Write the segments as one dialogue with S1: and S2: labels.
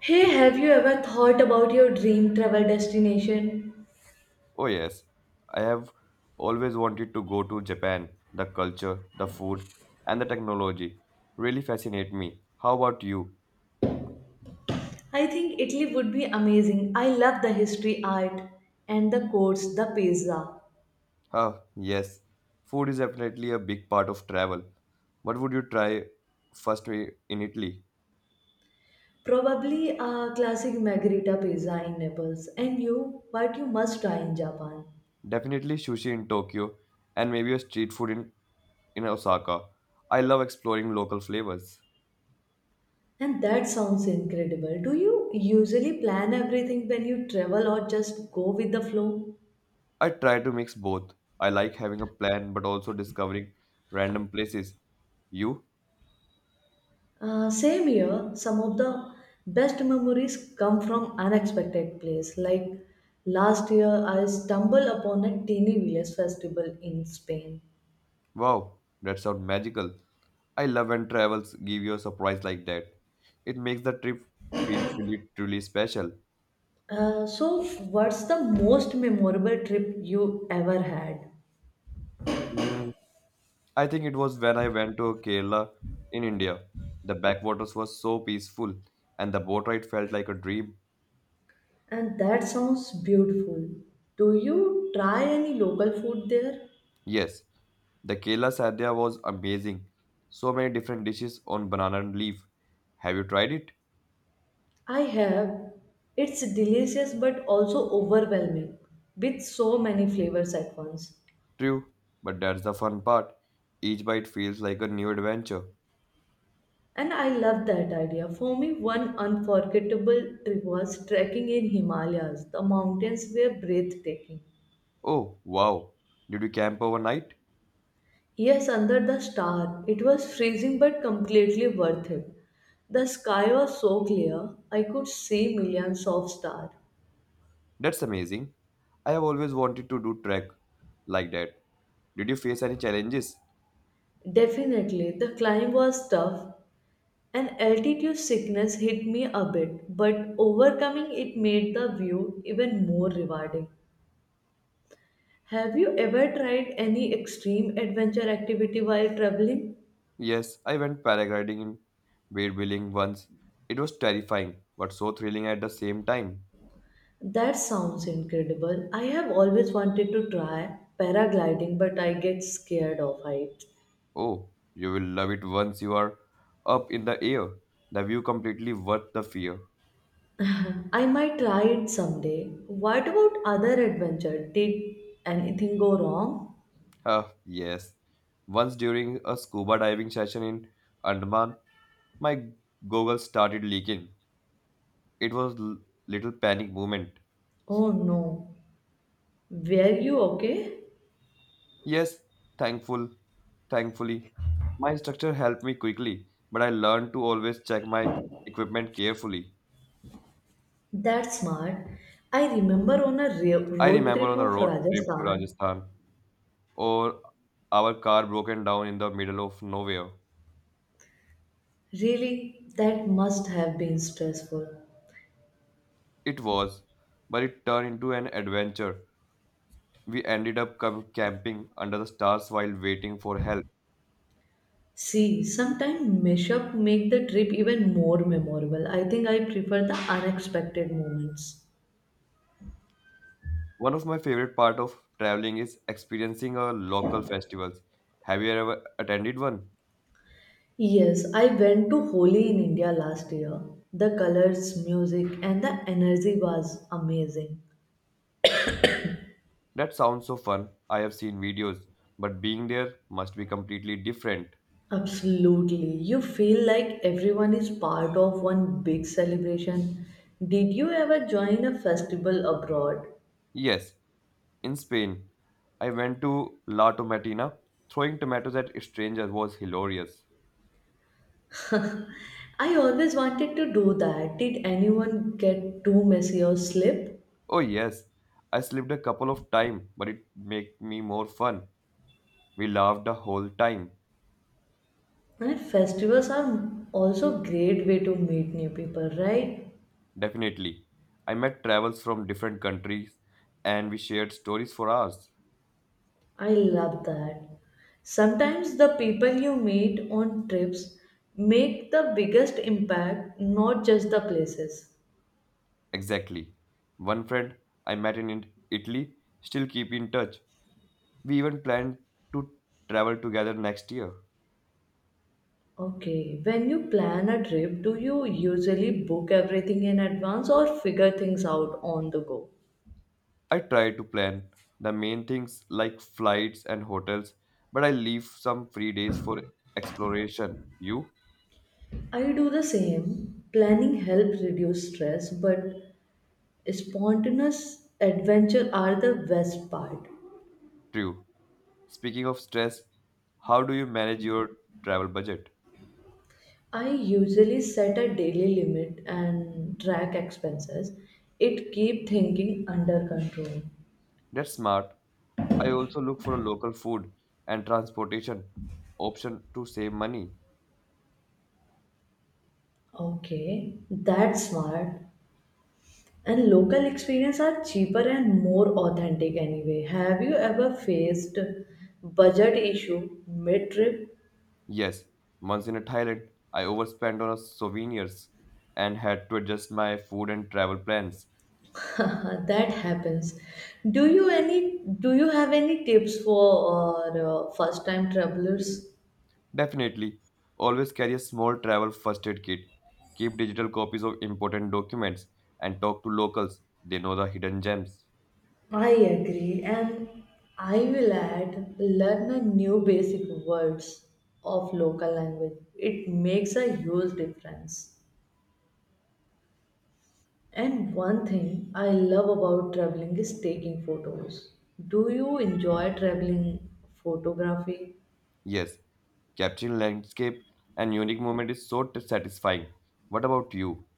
S1: Hey, have you ever thought about your dream travel destination?
S2: Oh, yes. I have always wanted to go to Japan. The culture, the food, and the technology really fascinate me. How about you?
S1: I think Italy would be amazing. I love the history, art, and the courts, the pizza.
S2: Ah, yes. Food is definitely a big part of travel. What would you try first i- in Italy?
S1: Probably a classic margherita pizza in Naples. And you, what you must try in Japan.
S2: Definitely sushi in Tokyo and maybe a street food in Osaka. I love exploring local flavors.
S1: And that sounds incredible. Do you usually plan everything when you travel or just go with the flow?
S2: I try to mix both. I like having a plan but also discovering random places. You?
S1: Same here, some of the best memories come from unexpected place. Like last year, I stumbled upon a teeny village festival in Spain.
S2: Wow, that sounds magical. I love when travels give you a surprise like that. It makes the trip feel truly special.
S1: Uh, so, what's the most memorable trip you ever had?
S2: Mm, I think it was when I went to Kerala in India. The backwaters was so peaceful and the boat ride felt like a dream.
S1: And that sounds beautiful. Do you try any local food there?
S2: Yes, the Kerala sadhya was amazing. So many different dishes on banana and leaf. Have you tried it?
S1: I have. It's delicious but also overwhelming with so many flavors at once.
S2: True, but that's the fun part. Each bite feels like a new adventure.
S1: And I love that idea. For me, one unforgettable trip was trekking in Himalayas. The mountains were breathtaking.
S2: Oh, wow. Did you camp overnight?
S1: Yes, under the star, it was freezing but completely worth it. The sky was so clear, I could see millions of stars.
S2: That's amazing. I have always wanted to do trek like that. Did you face any challenges?
S1: Definitely, the climb was tough and altitude sickness hit me a bit, but overcoming it made the view even more rewarding. Have you ever tried any extreme adventure activity while traveling?
S2: Yes, I went paragliding in Beardwilling once. It was terrifying, but so thrilling at the same time.
S1: That sounds incredible. I have always wanted to try paragliding, but I get scared of heights.
S2: Oh, you will love it once you are up in the air. The view completely worth the fear.
S1: I might try it someday. What about other adventure? Did anything go wrong?
S2: Ah, yes. Once during a scuba diving session in Andaman, my goggles started leaking. It was little panic moment.
S1: Oh no. Were you okay?
S2: Yes, thankful, thankfully. My instructor helped me quickly, but I learned to always check my equipment carefully.
S1: That's smart. I remember on a
S2: I
S1: road
S2: remember
S1: trip
S2: on a
S1: of
S2: road trip to
S1: Rajasthan.
S2: Rajasthan, or our car broken down in the middle of nowhere.
S1: Really, that must have been stressful.
S2: It was, but it turned into an adventure. We ended up camping under the stars while waiting for help.
S1: See, sometimes mashup make the trip even more memorable. I think I prefer the unexpected moments.
S2: One of my favorite part of traveling is experiencing a local festivals. Have you ever attended one?
S1: Yes, I went to Holi in India last year. The colors, music, and the energy was amazing.
S2: That sounds so fun. I have seen videos, but being there must be completely different.
S1: Absolutely. You feel like everyone is part of one big celebration. Did you ever join a festival abroad?
S2: Yes, in Spain, I went to La Tomatina. Throwing tomatoes at strangers was hilarious.
S1: I always wanted to do that. Did anyone get too messy or slip?
S2: Oh yes, I slipped a couple of times, but it made me more fun. We laughed the whole time.
S1: And festivals are also great way to meet new people, right?
S2: Definitely. I met travels from different countries and we shared stories for hours.
S1: I love that. Sometimes the people you meet on trips make the biggest impact, not just the places.
S2: Exactly. One friend I met in Italy still keep in touch. We even planned to travel together next year.
S1: Okay, when you plan a trip, do you usually book everything in advance or figure things out on the go?
S2: I try to plan the main things like flights and hotels, but I leave some free days for exploration. You?
S1: I do the same. Planning helps reduce stress, but spontaneous adventure are the best part.
S2: True. Speaking of stress, how do you manage your travel budget?
S1: I usually set a daily limit and track expenses. It keep thinking under control.
S2: That's smart. I also look for a local food and transportation option to save money.
S1: Okay, that's smart. And local experience are cheaper and more authentic anyway. Have you ever faced budget issue mid trip?
S2: Yes, once in a Thailand, I overspent on a souvenirs and had to adjust my food and travel plans.
S1: That happens. Do you have any tips for first time travelers?
S2: Definitely. Always carry a small travel first aid kit. Keep digital copies of important documents and talk to locals. They know the hidden gems.
S1: I agree, and I will add learn a new basic words of local language. It makes a huge difference. And one thing I love about traveling is taking photos. Do you enjoy traveling photography?
S2: Yes, capturing landscape and unique moment is so satisfying. What about you?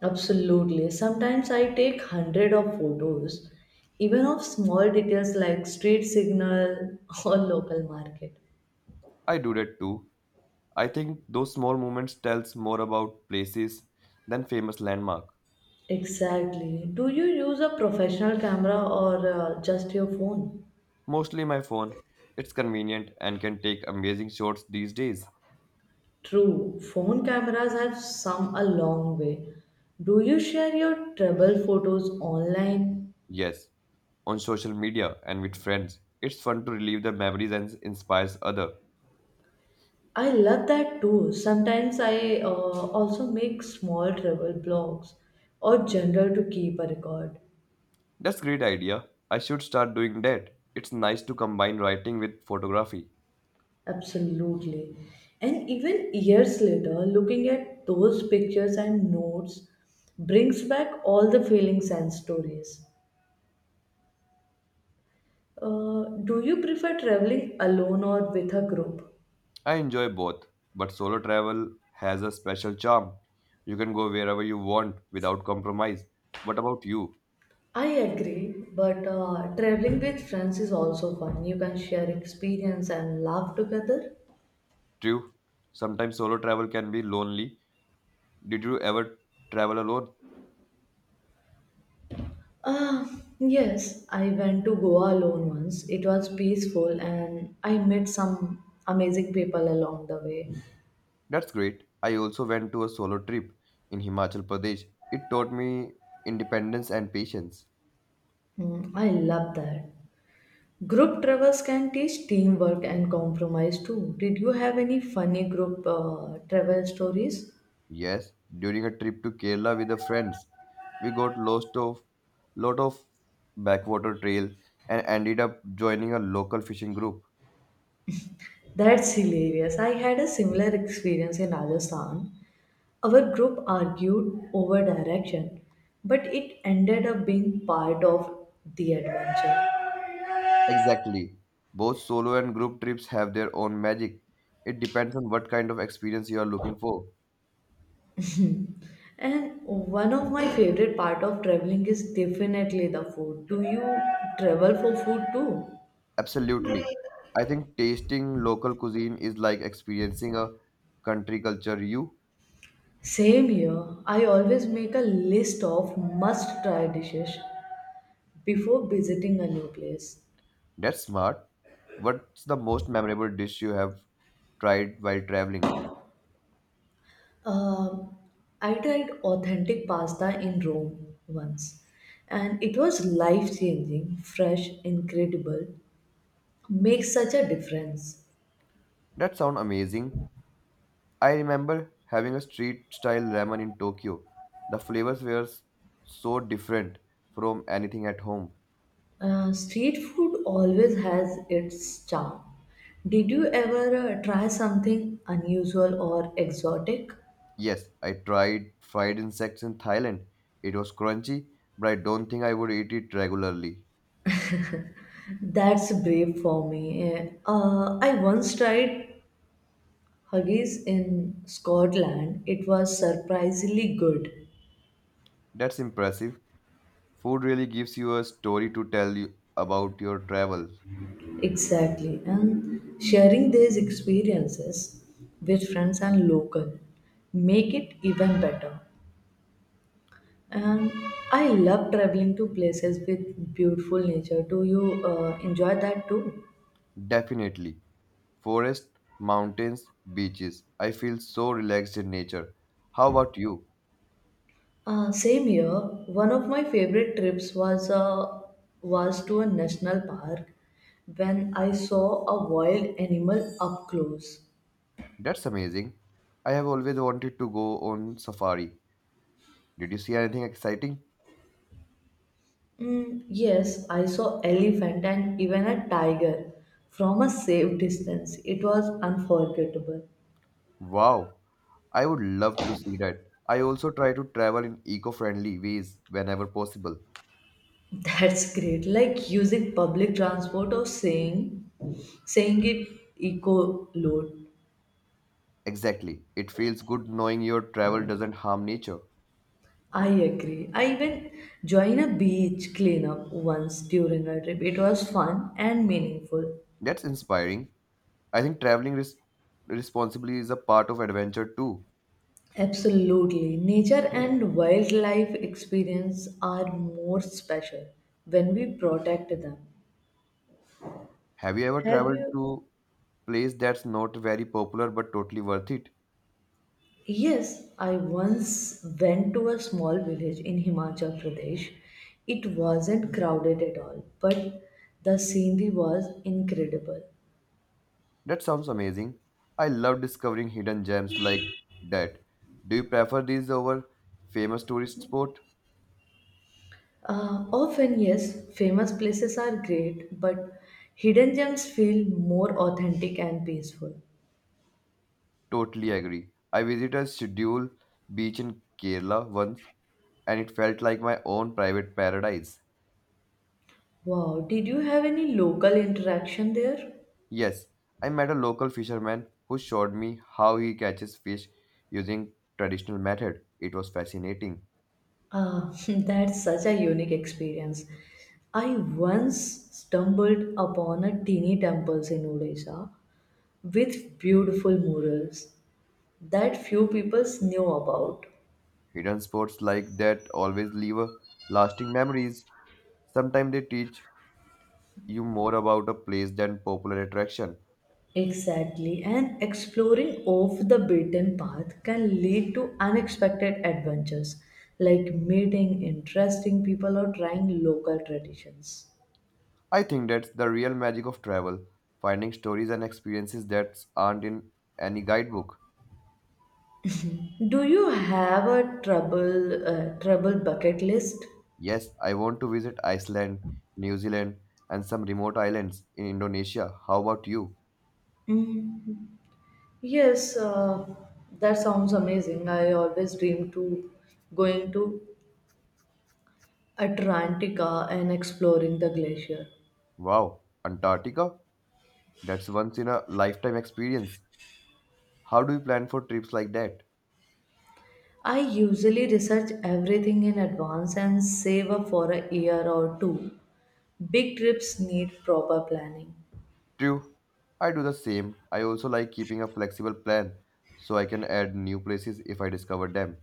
S1: Absolutely. Sometimes I take hundred of photos, even of small details like street signal or local market.
S2: I do that too. I think those small moments tells more about places than famous landmark.
S1: Exactly. Do you use a professional camera or just your phone?
S2: Mostly my phone. It's convenient and can take amazing shots these days.
S1: True. Phone cameras have come a long way. Do you share your travel photos online?
S2: Yes, on social media and with friends. It's fun to relive the memories and inspires other.
S1: I love that too. Sometimes I also make small travel blogs or journal to keep a record.
S2: That's great idea. I should start doing that. It's nice to combine writing with photography.
S1: Absolutely. And even years later, looking at those pictures and notes brings back all the feelings and stories. Do you prefer traveling alone or with a group?
S2: I enjoy both, but solo travel has a special charm. You can go wherever you want without compromise. What about you?
S1: I agree, but traveling with friends is also fun. You can share experience and laugh together.
S2: True. Sometimes solo travel can be lonely. Did you ever travel alone?
S1: Ah, yes, I went to Goa alone once. It was peaceful and I met some amazing people along the way.
S2: That's great. I also went to a solo trip in Himachal Pradesh. It taught me independence and patience.
S1: Mm, I love that. Group travels can teach teamwork and compromise too. Did you have any funny group travel stories?
S2: Yes, during a trip to Kerala with the friends, we got lost of lot of backwater trail and ended up joining a local fishing group.
S1: That's hilarious. I had a similar experience in Rajasthan. Our group argued over direction, but it ended up being part of the adventure.
S2: Exactly. Both solo and group trips have their own magic. It depends on what kind of experience you are looking for.
S1: And one of my favorite part of traveling is definitely the food. Do you travel for food too?
S2: Absolutely. I think tasting local cuisine is like experiencing a country culture you.
S1: Same here. I always make a list of must try dishes before visiting a new place.
S2: That's smart. What's the most memorable dish you have tried while traveling?
S1: Um, I tried authentic pasta in Rome once, and it was life changing, fresh, incredible. Makes such a difference.
S2: That sounds amazing. I remember having a street style ramen in Tokyo. The flavors were so different from anything at home.
S1: Street food always has its charm. Did you ever try something unusual or exotic?
S2: Yes, I tried fried insects in Thailand. It was crunchy, but I don't think I would eat it regularly.
S1: That's brave for me. I once tried haggis in Scotland. It was surprisingly good.
S2: That's impressive. Food really gives you a story to tell you about your travels.
S1: Exactly. And sharing these experiences with friends and local make it even better. And I love traveling to places with beautiful nature. Do you enjoy that too?
S2: Definitely. Forests, mountains, beaches. I feel so relaxed in nature. How about you?
S1: Same here. One of my favorite trips was was to a national park when I saw a wild animal up close.
S2: That's amazing. I have always wanted to go on safari. Did you see anything exciting?
S1: Mm, yes, I saw elephant and even a tiger from a safe distance. It was unforgettable.
S2: Wow, I would love to see that. I also try to travel in eco-friendly ways whenever possible.
S1: That's great. Like using public transport or saying it eco load.
S2: Exactly. It feels good knowing your travel doesn't harm nature.
S1: I agree. I even joined a beach cleanup once during a trip. It was fun and meaningful.
S2: That's inspiring. I think traveling responsibly is a part of adventure too.
S1: Absolutely. Nature and wildlife experience are more special when we protect them.
S2: Have you ever
S1: Have
S2: traveled
S1: you.
S2: to place that's not very popular but totally worth it?
S1: Yes, I once went to a small village in Himachal Pradesh. It wasn't crowded at all, but the scenery was incredible.
S2: That sounds amazing. I love discovering hidden gems like that. Do you prefer these over famous tourist spot?
S1: Often, yes, famous places are great, but hidden gems feel more authentic and peaceful.
S2: Totally agree. I visited Schedule Beach in Kerala once and it felt like my own private paradise.
S1: Wow, did you have any local interaction there?
S2: Yes, I met a local fisherman who showed me how he catches fish using traditional method. It was fascinating.
S1: Ah, that's such a unique experience. I once stumbled upon a teeny temple in Odisha with beautiful murals that few people knew about.
S2: Hidden sports like that always leave a lasting memories. Sometimes they teach you more about a place than popular attraction.
S1: Exactly, and exploring off the beaten path can lead to unexpected adventures like meeting interesting people or trying local traditions.
S2: I think that's the real magic of travel, finding stories and experiences that aren't in any guidebook.
S1: Do you have a trouble trouble bucket list?
S2: Yes, I want to visit Iceland, New Zealand, and some remote islands in Indonesia. How about you?
S1: Mm, Yes, that sounds amazing. I always dream to going to Antarctica and exploring the glacier.
S2: Wow, Antarctica? That's once in a lifetime experience. How do you plan for trips like that?
S1: I usually research everything in advance and save up for a year or two. Big trips need proper planning.
S2: True, I do the same. I also like keeping a flexible plan so I can add new places if I discover them.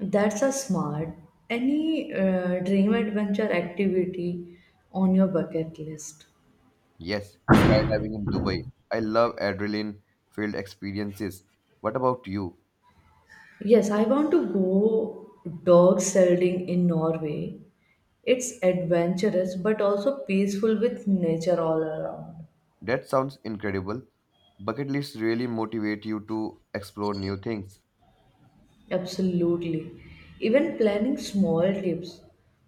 S1: That's a smart. Any dream adventure activity on your bucket list?
S2: Yes, skydiving in Dubai. I love adrenaline filled experiences. What about you?
S1: Yes, I want to go dog sledding in Norway. It's adventurous but also peaceful with nature all around.
S2: That sounds incredible. Bucket lists really motivate you to explore new things.
S1: Absolutely. Even planning small trips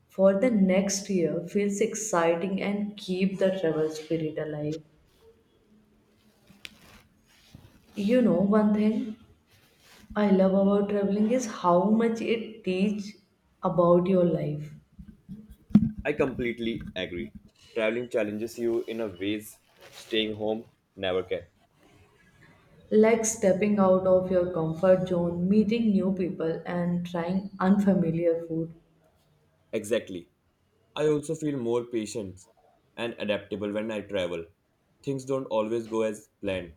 S1: for the next year feels exciting and keep the travel spirit alive. You know, one thing I love about traveling is how much it teach about your life.
S2: I completely agree. Traveling challenges you in a ways staying home never can.
S1: Like stepping out of your comfort zone, meeting new people and trying unfamiliar food.
S2: Exactly. I also feel more patient and adaptable when I travel. Things don't always go as planned.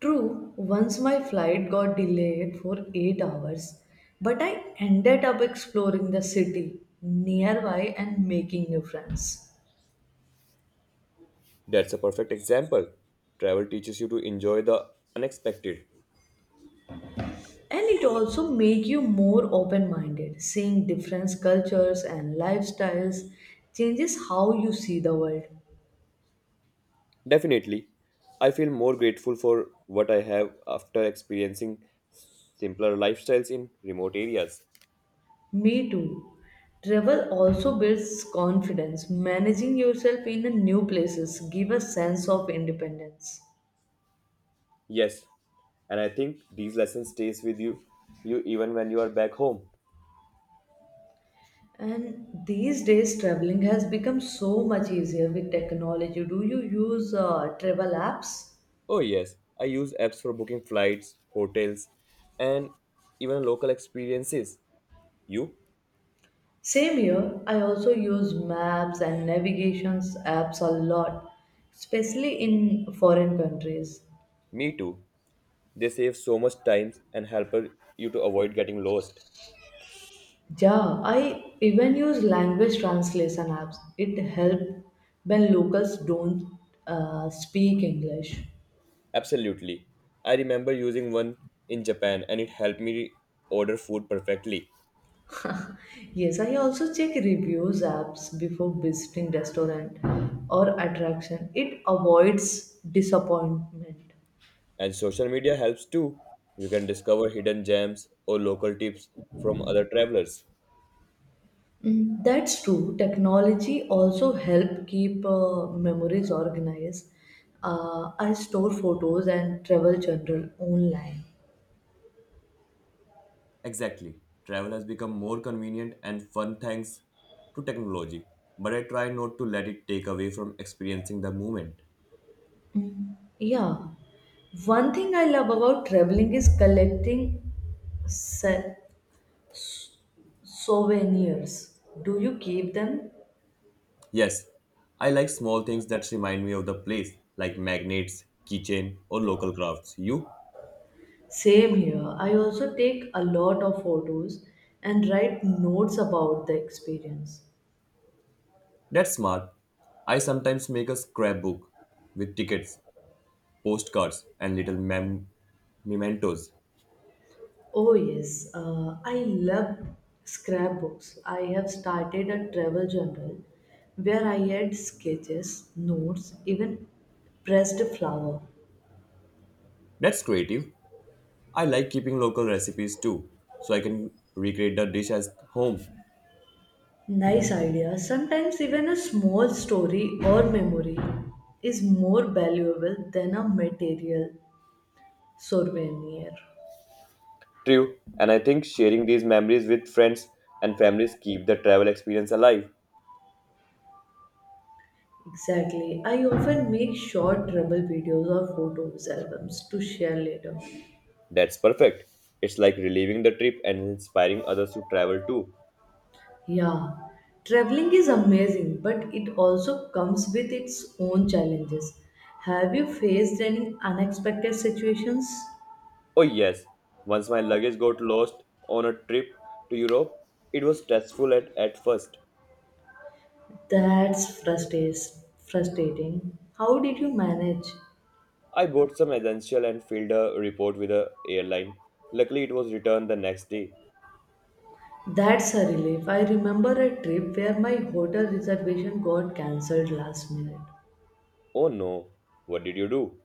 S1: True, once my flight got delayed for 8 hours, but I ended up exploring the city nearby and making new friends.
S2: That's a perfect example. Travel teaches you to enjoy the unexpected.
S1: And it also make you more open-minded, seeing different cultures and lifestyles changes how you see the world.
S2: Definitely, I feel more grateful for what I have after experiencing simpler lifestyles in remote areas.
S1: Me too. Travel also builds confidence. Managing yourself in a new places give a sense of independence.
S2: Yes, and I think these lessons stays with you, you even when you are back home.
S1: And these days, traveling has become so much easier with technology. Do you use travel apps?
S2: Oh, yes, and even local experiences you
S1: Same here, I also use maps and navigations apps a lot, especially in foreign countries.
S2: do and help you to avoid getting lost.
S1: Yeah, I even use language translation apps. It helps when locals don't speak English.
S2: Absolutely, I remember using one in Japan, and it helped me order food perfectly.
S1: Yes, I also check reviews apps before visiting restaurant or attraction. It avoids disappointment.
S2: And social media helps too. You can discover hidden gems or local tips from other travelers.
S1: Mm. That's true. Technology also help keep memories organized. I store photos and travel journal online.
S2: Exactly. Travel has become more convenient and fun thanks to technology, but I try not to let it take away from experiencing the moment.
S1: Yeah. One thing I love about traveling is collecting se- s- souvenirs. Do you keep them?
S2: Yes, I like small things that remind me of the place, like magnets, keychain, or local crafts. You?
S1: Same here. I also take a lot of photos and write notes about the experience.
S2: That's smart. I sometimes make a scrapbook with tickets, postcards, and little mementos.
S1: Oh, yes, I love scrapbooks. I have started a travel journal where I add sketches, notes, even pressed flower.
S2: That's creative. I like keeping local recipes too, so I can recreate the dish at home.
S1: Nice idea. Sometimes even a small story or memory is more valuable than a material souvenir.
S2: True, and I think sharing these memories with friends and families keep the travel experience alive.
S1: Exactly. I often make short travel videos or photos albums to share later.
S2: That's perfect. It's like reliving the trip and inspiring others to travel too.
S1: Yeah, traveling is amazing, but it also comes with its own challenges. Have you faced any unexpected situations?
S2: Oh yes, once my luggage got lost on a trip to Europe, it was stressful at first.
S1: That's frustrating. How did you manage?
S2: I bought some essential and filled a report with the airline. Luckily it was returned the next day.
S1: That's a relief. I remember a trip where my hotel reservation got cancelled last minute.
S2: Oh no, what did you do?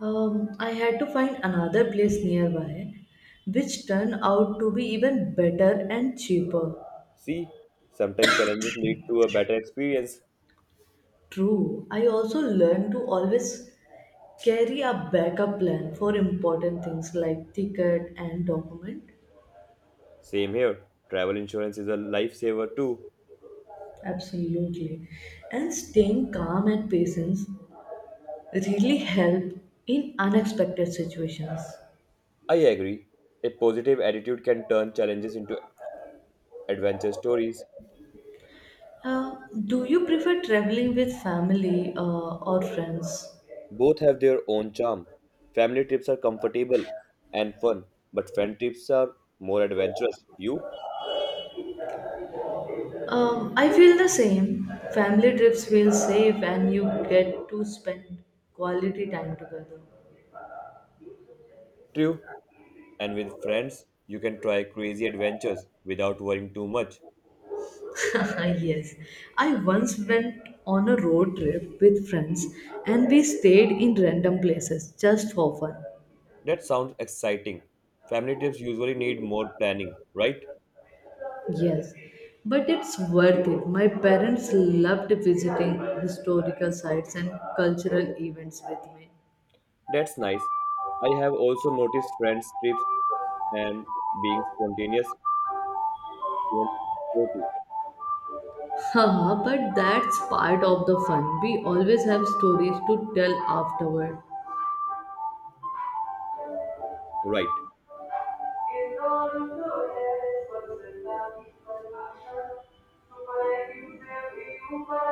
S1: I had to find another place nearby, which turned out to be even better and cheaper.
S2: See, sometimes challenges lead to a better experience.
S1: True, I also learned to always carry a backup plan for important things like ticket and document.
S2: Same here. Travel insurance is a lifesaver too.
S1: Absolutely. And staying calm and patience really help in unexpected situations.
S2: I agree. A positive attitude can turn challenges into adventure stories.
S1: Uh, do you prefer traveling with family or friends?
S2: Both have their own charm. Family trips are comfortable and fun, but friend trips are more adventurous. You?
S1: I feel the same. Family trips feel safe and you get to spend quality time together.
S2: True. And with friends, you can try crazy adventures without worrying too much.
S1: Yes. I once went on a road trip with friends and we stayed in random places just for fun.
S2: That sounds exciting. Family trips usually need more planning, right?
S1: Yes. But it's worth it. My parents loved visiting historical sites and cultural events with me.
S2: That's nice. I have also noticed friends' trips and being spontaneous, even chaotic.
S1: Haha, but that's part of the fun. We always have stories to tell afterward.
S2: Right.
S1: In all of the ways, what's the love for my heart? For my you,